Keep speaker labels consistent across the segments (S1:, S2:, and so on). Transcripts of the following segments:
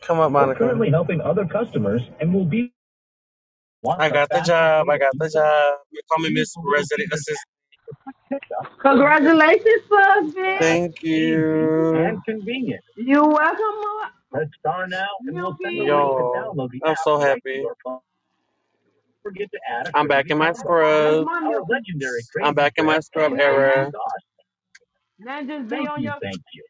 S1: Come up, We're Monica. We're currently helping other customers and will be I got the job. I got the job. They call me Easy Miss Resident Assistant.
S2: Congratulations, husband.
S1: Thank you, and convenient.
S2: You welcome, Mo-
S1: Press star now and we'll send a link to
S2: Milky.
S1: download the app. I'm so right happy. your forget to add a I'm back in my
S2: That's
S1: scrub.
S2: my
S1: Our
S2: Milky.
S1: legendary I'm back in my
S2: See,
S1: scrub
S2: now, now,
S1: era.
S2: now just be
S1: Thank
S2: on
S1: you,
S2: your,
S1: thank you.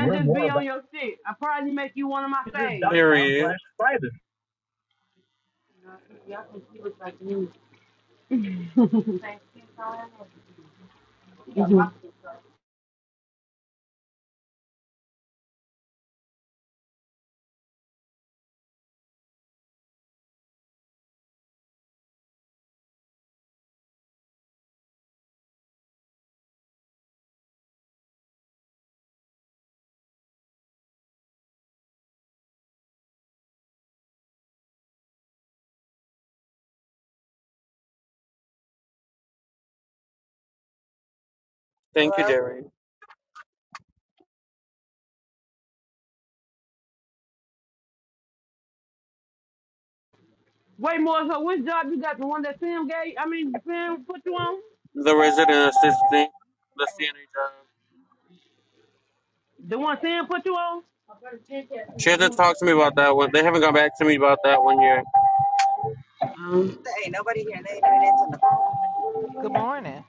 S1: To learn
S2: just
S1: more
S2: be on
S1: about
S2: your shit. I probably make you one of my
S1: Caesars.com
S2: faves.
S1: Period. slash private.
S2: Mhm.
S1: Thank Gary.
S2: Wait, more. So which job you got? The one that Sam gave? I mean, Sam put you on?
S1: The resident assistant. The CNA job.
S2: The one Sam put you on?
S1: She had to talk to me about that one. They haven't gone back to me about that one yet.
S2: Um,
S3: Good morning.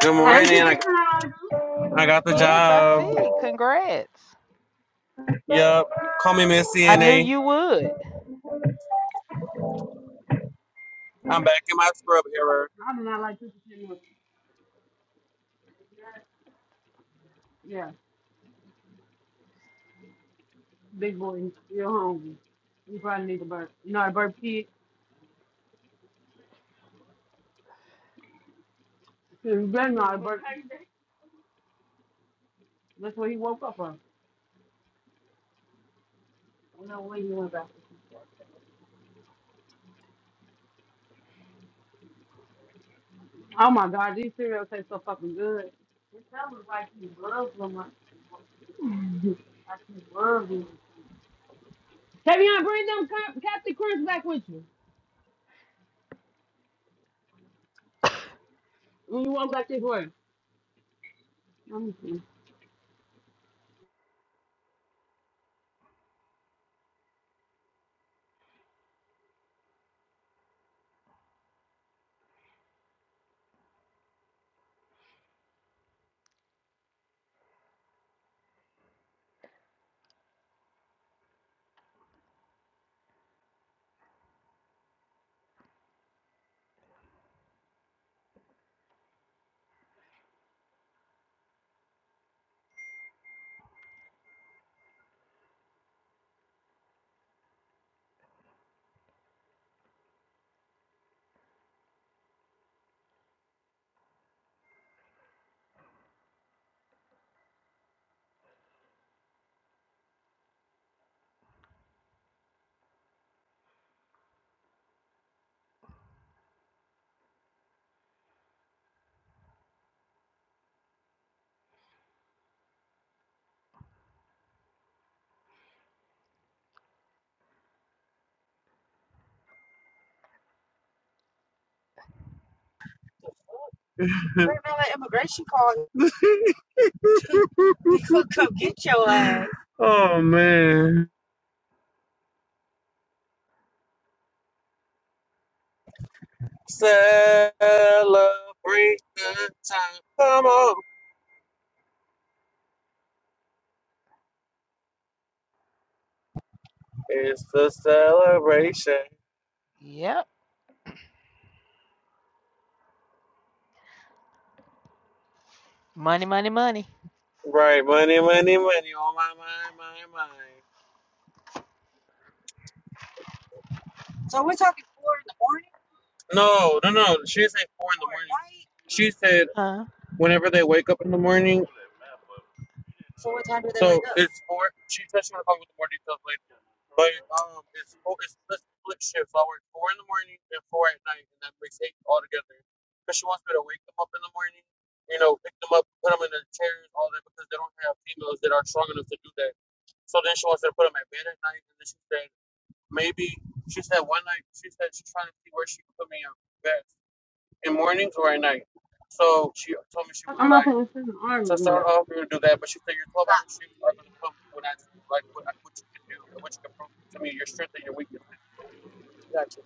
S1: Good
S2: Hey, Cookie
S1: morning. I,
S2: Sandra.
S1: I got the
S3: Yes, I
S1: job.
S3: see. Congrats.
S1: Yup. Call me Miss
S3: I knew
S1: CNA.
S3: you would.
S1: I'm back in my scrub era.
S2: I do not like Cookie Sandra. Yeah, big boy, you're hungry. You probably need a burp. You know how to burp, kid? You better know how to burp. That's what he woke up on. Oh my God, these cereals taste so fucking good. Tavion, bring them Cap- Captain Crunch back with you when you walk back this way. Let me see.
S1: Oh, man. Celebrate the time. Come on. It's the celebration.
S3: Yep. Money, money, money.
S1: Right. Money, money, money. On my my, my my. No, no, no. She didn't say four in the She said
S3: Huh?
S1: whenever they wake up in the morning, it's four. She said she want to call me with more details later. But um, it's four, it's split split shifts. I work four in the morning and four at night, and that makes eight altogether. Because she wants me to wake them up in the morning, you know, pick them up, put them in their chairs, all that, because they don't have females that are strong enough to do that. So then she wants me to put them at bed at night, and then she said maybe she said one night she said she's trying to see where she can put me in bed in mornings or at night. So she told me she was
S2: I'm
S1: like.
S2: out there sitting in the army
S1: So
S2: room.
S1: start off, we would do that, but she said your 12 hour shifts are going to come when I see like what, what you can do what you can prove to me, your strength and your weaknesses. Gotcha.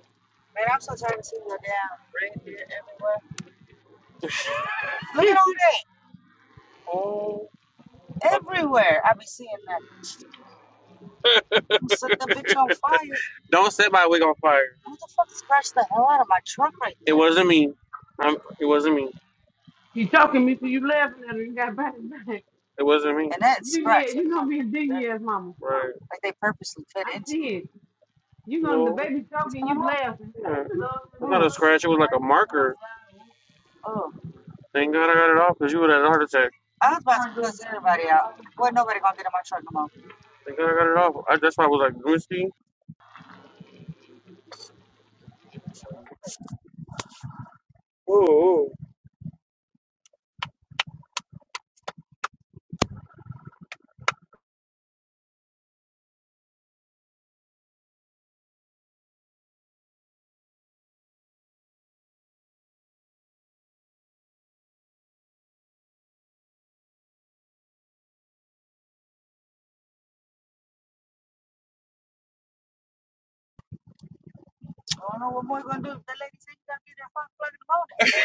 S1: Oh. Don't set my wig on fire. It wasn't me. I'm, it wasn't me.
S2: You talking me so you laughing at her. You got back and back.
S1: It wasn't me.
S2: You yeah, you gonna be a dingy ass mama.
S1: Right.
S2: I see it. You gonna the
S1: No.
S2: baby talking, you laughing.
S1: Yeah.
S2: You know,
S1: The scratch, it was like a marker. Thank God I got it off because you would have had a heart attack.
S2: when you look, you trying to see. That's why you-
S1: Thank God I got it off. I, that's why I was like, let Oh,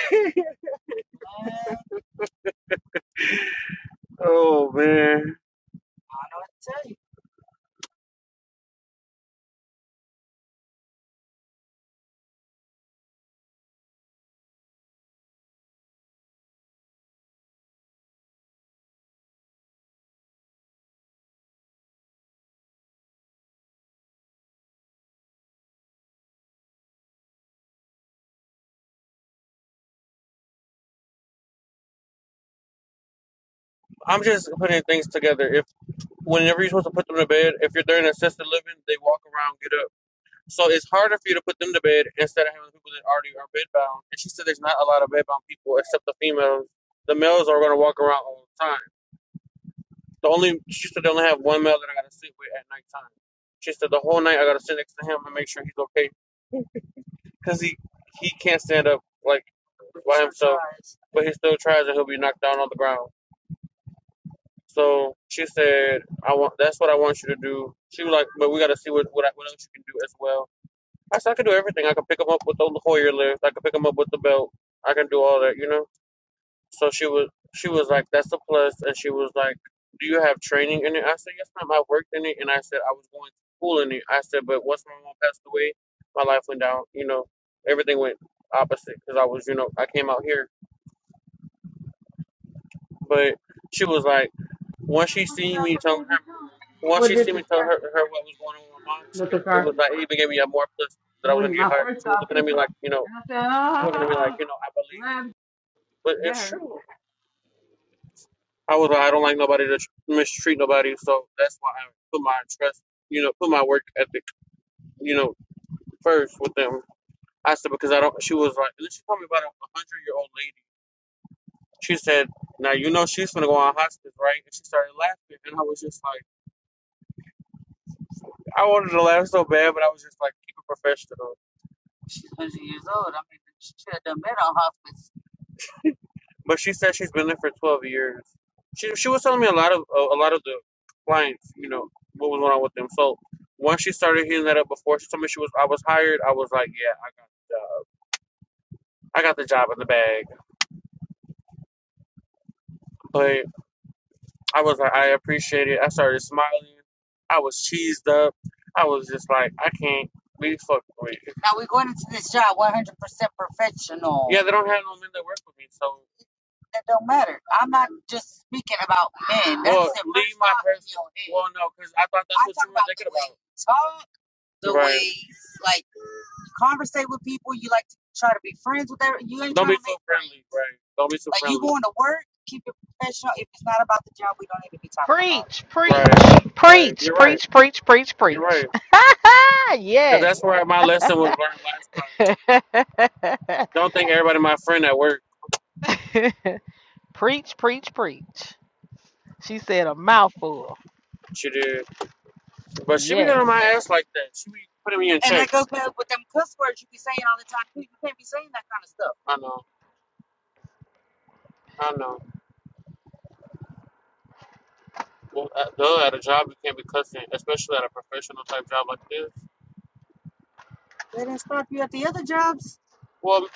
S1: oh man. I'm just putting things together. If whenever you're supposed to put them to bed, if you're there in assisted living, they walk around, get up. So it's harder for you to put them to bed instead of having people that already are bedbound. And she said there's not a lot of bedbound people except the females. The males are going to walk around all the time. The only she said they only have one male that I got to sit with at nighttime. She said the whole night I got to sit next to him and make sure he's okay because he he can't stand up like, but he still tries and he'll be knocked down on the ground. So she said I want that's what I want you to do. She was like, but we got to see what what, I- what else you can do as well. I said I could do everything. I could pick him up with the Hoyer lift. I could pick him up with the belt. I can do all that, you know. So she was she was like, "That's a plus," and she was like, "Do you have training in it?" I said, "Yes, ma'am. I worked in it, and I said I was going to school in it." I said, "But once my mom passed away, my life went down. You know, everything went opposite because I was, you know, I came out here." But she was like, once she seen me telling her, once
S2: What
S1: she
S2: did
S1: seen
S2: this
S1: me tell her
S2: happen?
S1: her what was going on with my mom, it,
S2: Mr.
S1: it was
S2: Carson.
S1: like it even gave me a more plus that I was gonna
S2: When
S1: get
S2: I
S1: hired.
S2: first
S1: She was
S2: started
S1: looking at me
S2: pushing,
S1: like, you know.
S2: and I said,
S1: People are gonna be like,
S2: ah,
S1: you know, I believe it,
S2: laugh,
S1: but
S2: that
S1: it's
S2: hurt.
S1: true. I was like, I don't like nobody to tr- mistreat nobody, so that's why I put my trust, you know, put my work ethic, you know, first with them. I said because I don't. She was like, and then she told me about a hundred year old lady. She said, now you know she's gonna go on hospice, right? And she started laughing, and I was just like, I wanted to laugh so bad, but I was just like, keep it professional. but she said she's been there for 12 years. She she was telling me a lot of a, a lot of the clients, you know, what was going on with them. So once she started heating that up before, she told me she was I was hired. I was like, yeah, I got the job. I got the job in the bag. But I was like, I appreciate it. I started smiling. I was cheesed up. I was just like, I can't be fucked with. Yeah, they don't have no men that work with me, so oh no, because I thought that right. Don't be so
S3: Preach, preach,
S1: Right, right.
S3: preach,
S1: You're right.
S3: preach, preach, preach,
S1: You're right.
S3: preach.
S1: right. Because
S3: yes.
S1: that's where my lesson was learned last time. Don't think everybody my friend at work
S3: preach, preach, preach. She said a mouthful.
S1: should do. But she be getting on my
S3: Yes.
S1: ass like that. She be putting me in. I know. I know. Well, at, though at a job you can't be cussing, especially at a professional type job like this. Well,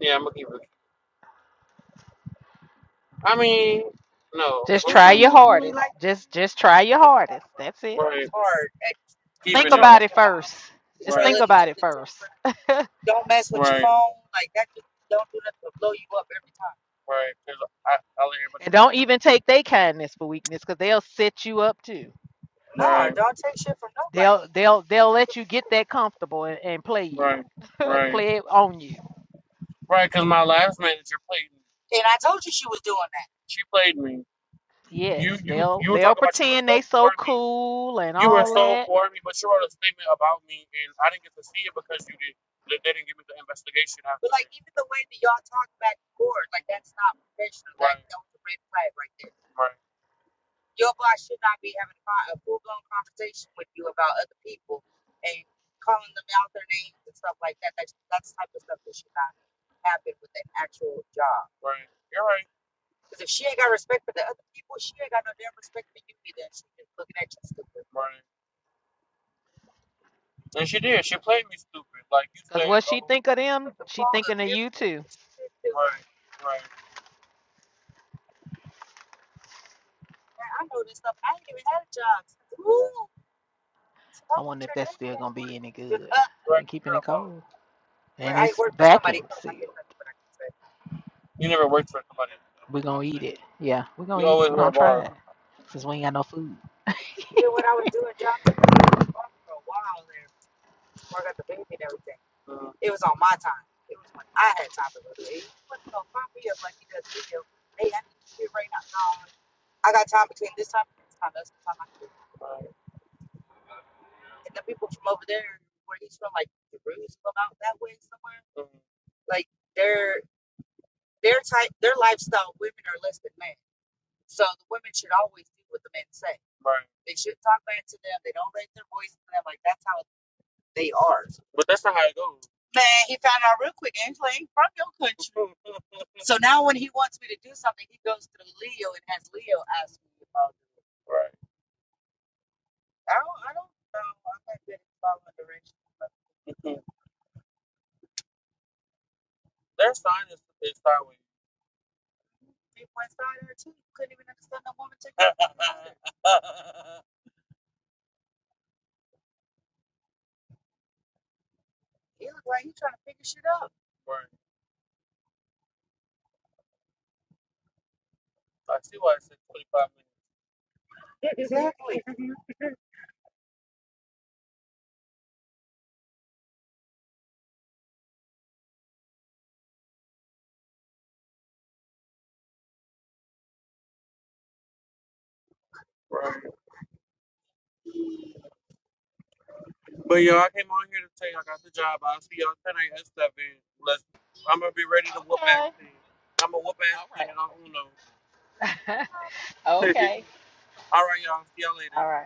S1: yeah, I'm gonna keep it. I mean, no,
S3: Just try your hardest. Just just try your hardest. That's it.
S1: right,
S3: Think about it first. Just think about it first.
S1: right. 'cause I, I let everybody
S3: And
S1: get
S3: don't
S1: to
S3: even take their kindness for weakness, because they'll set you up too.
S1: it.
S3: They'll they'll they'll let you get that comfortable and, and play you,
S1: Right, right,
S3: play it on you.
S1: right. Because my last manager played me. She played me. You,
S3: Yes,
S1: you,
S3: they'll
S1: you were
S3: they'll
S1: talking about you were
S3: pretend they
S1: so for
S3: so
S1: me
S3: cool and
S1: You were
S3: all
S1: so
S3: that.
S1: for me, but you wrote a statement about me, and I didn't get to see it because you did. They they didn't give me the investigation. After. Right, right. You're right, right. And she did. She played me stupid. Like you
S3: Cause
S1: said,
S3: what she
S1: oh,
S3: think of them, she thinking of you too.
S1: right,
S3: I wonder if that's still gonna be any good. I've
S1: right.
S3: been
S1: 'cause
S3: keeping
S1: You're
S3: it
S1: a baller.
S3: cold, and it's vacuum sealed.
S1: You never worked for somebody. else.
S3: We're gonna eat it. Yeah, we're gonna
S1: You
S3: eat it.
S1: always
S3: We're
S1: were
S3: gonna
S1: a
S3: try
S1: baller.
S3: it since we ain't got no food.
S1: Mm, mm, right, mm, right. But that's not how it goes. Mm, mm, right. Mhm. Their sign is, is sideways. right. I see why it says 25 minutes. Right. But y'all, I came on here to tell you I got the job. I'll see y'all tonight at seven. Let's, I'm gonna be ready to whoop
S3: Okay.
S1: ass then. I'm gonna whoop ass then
S3: Right.
S1: on Uno.
S3: Okay.
S1: All right, y'all. See y'all later.
S3: All right.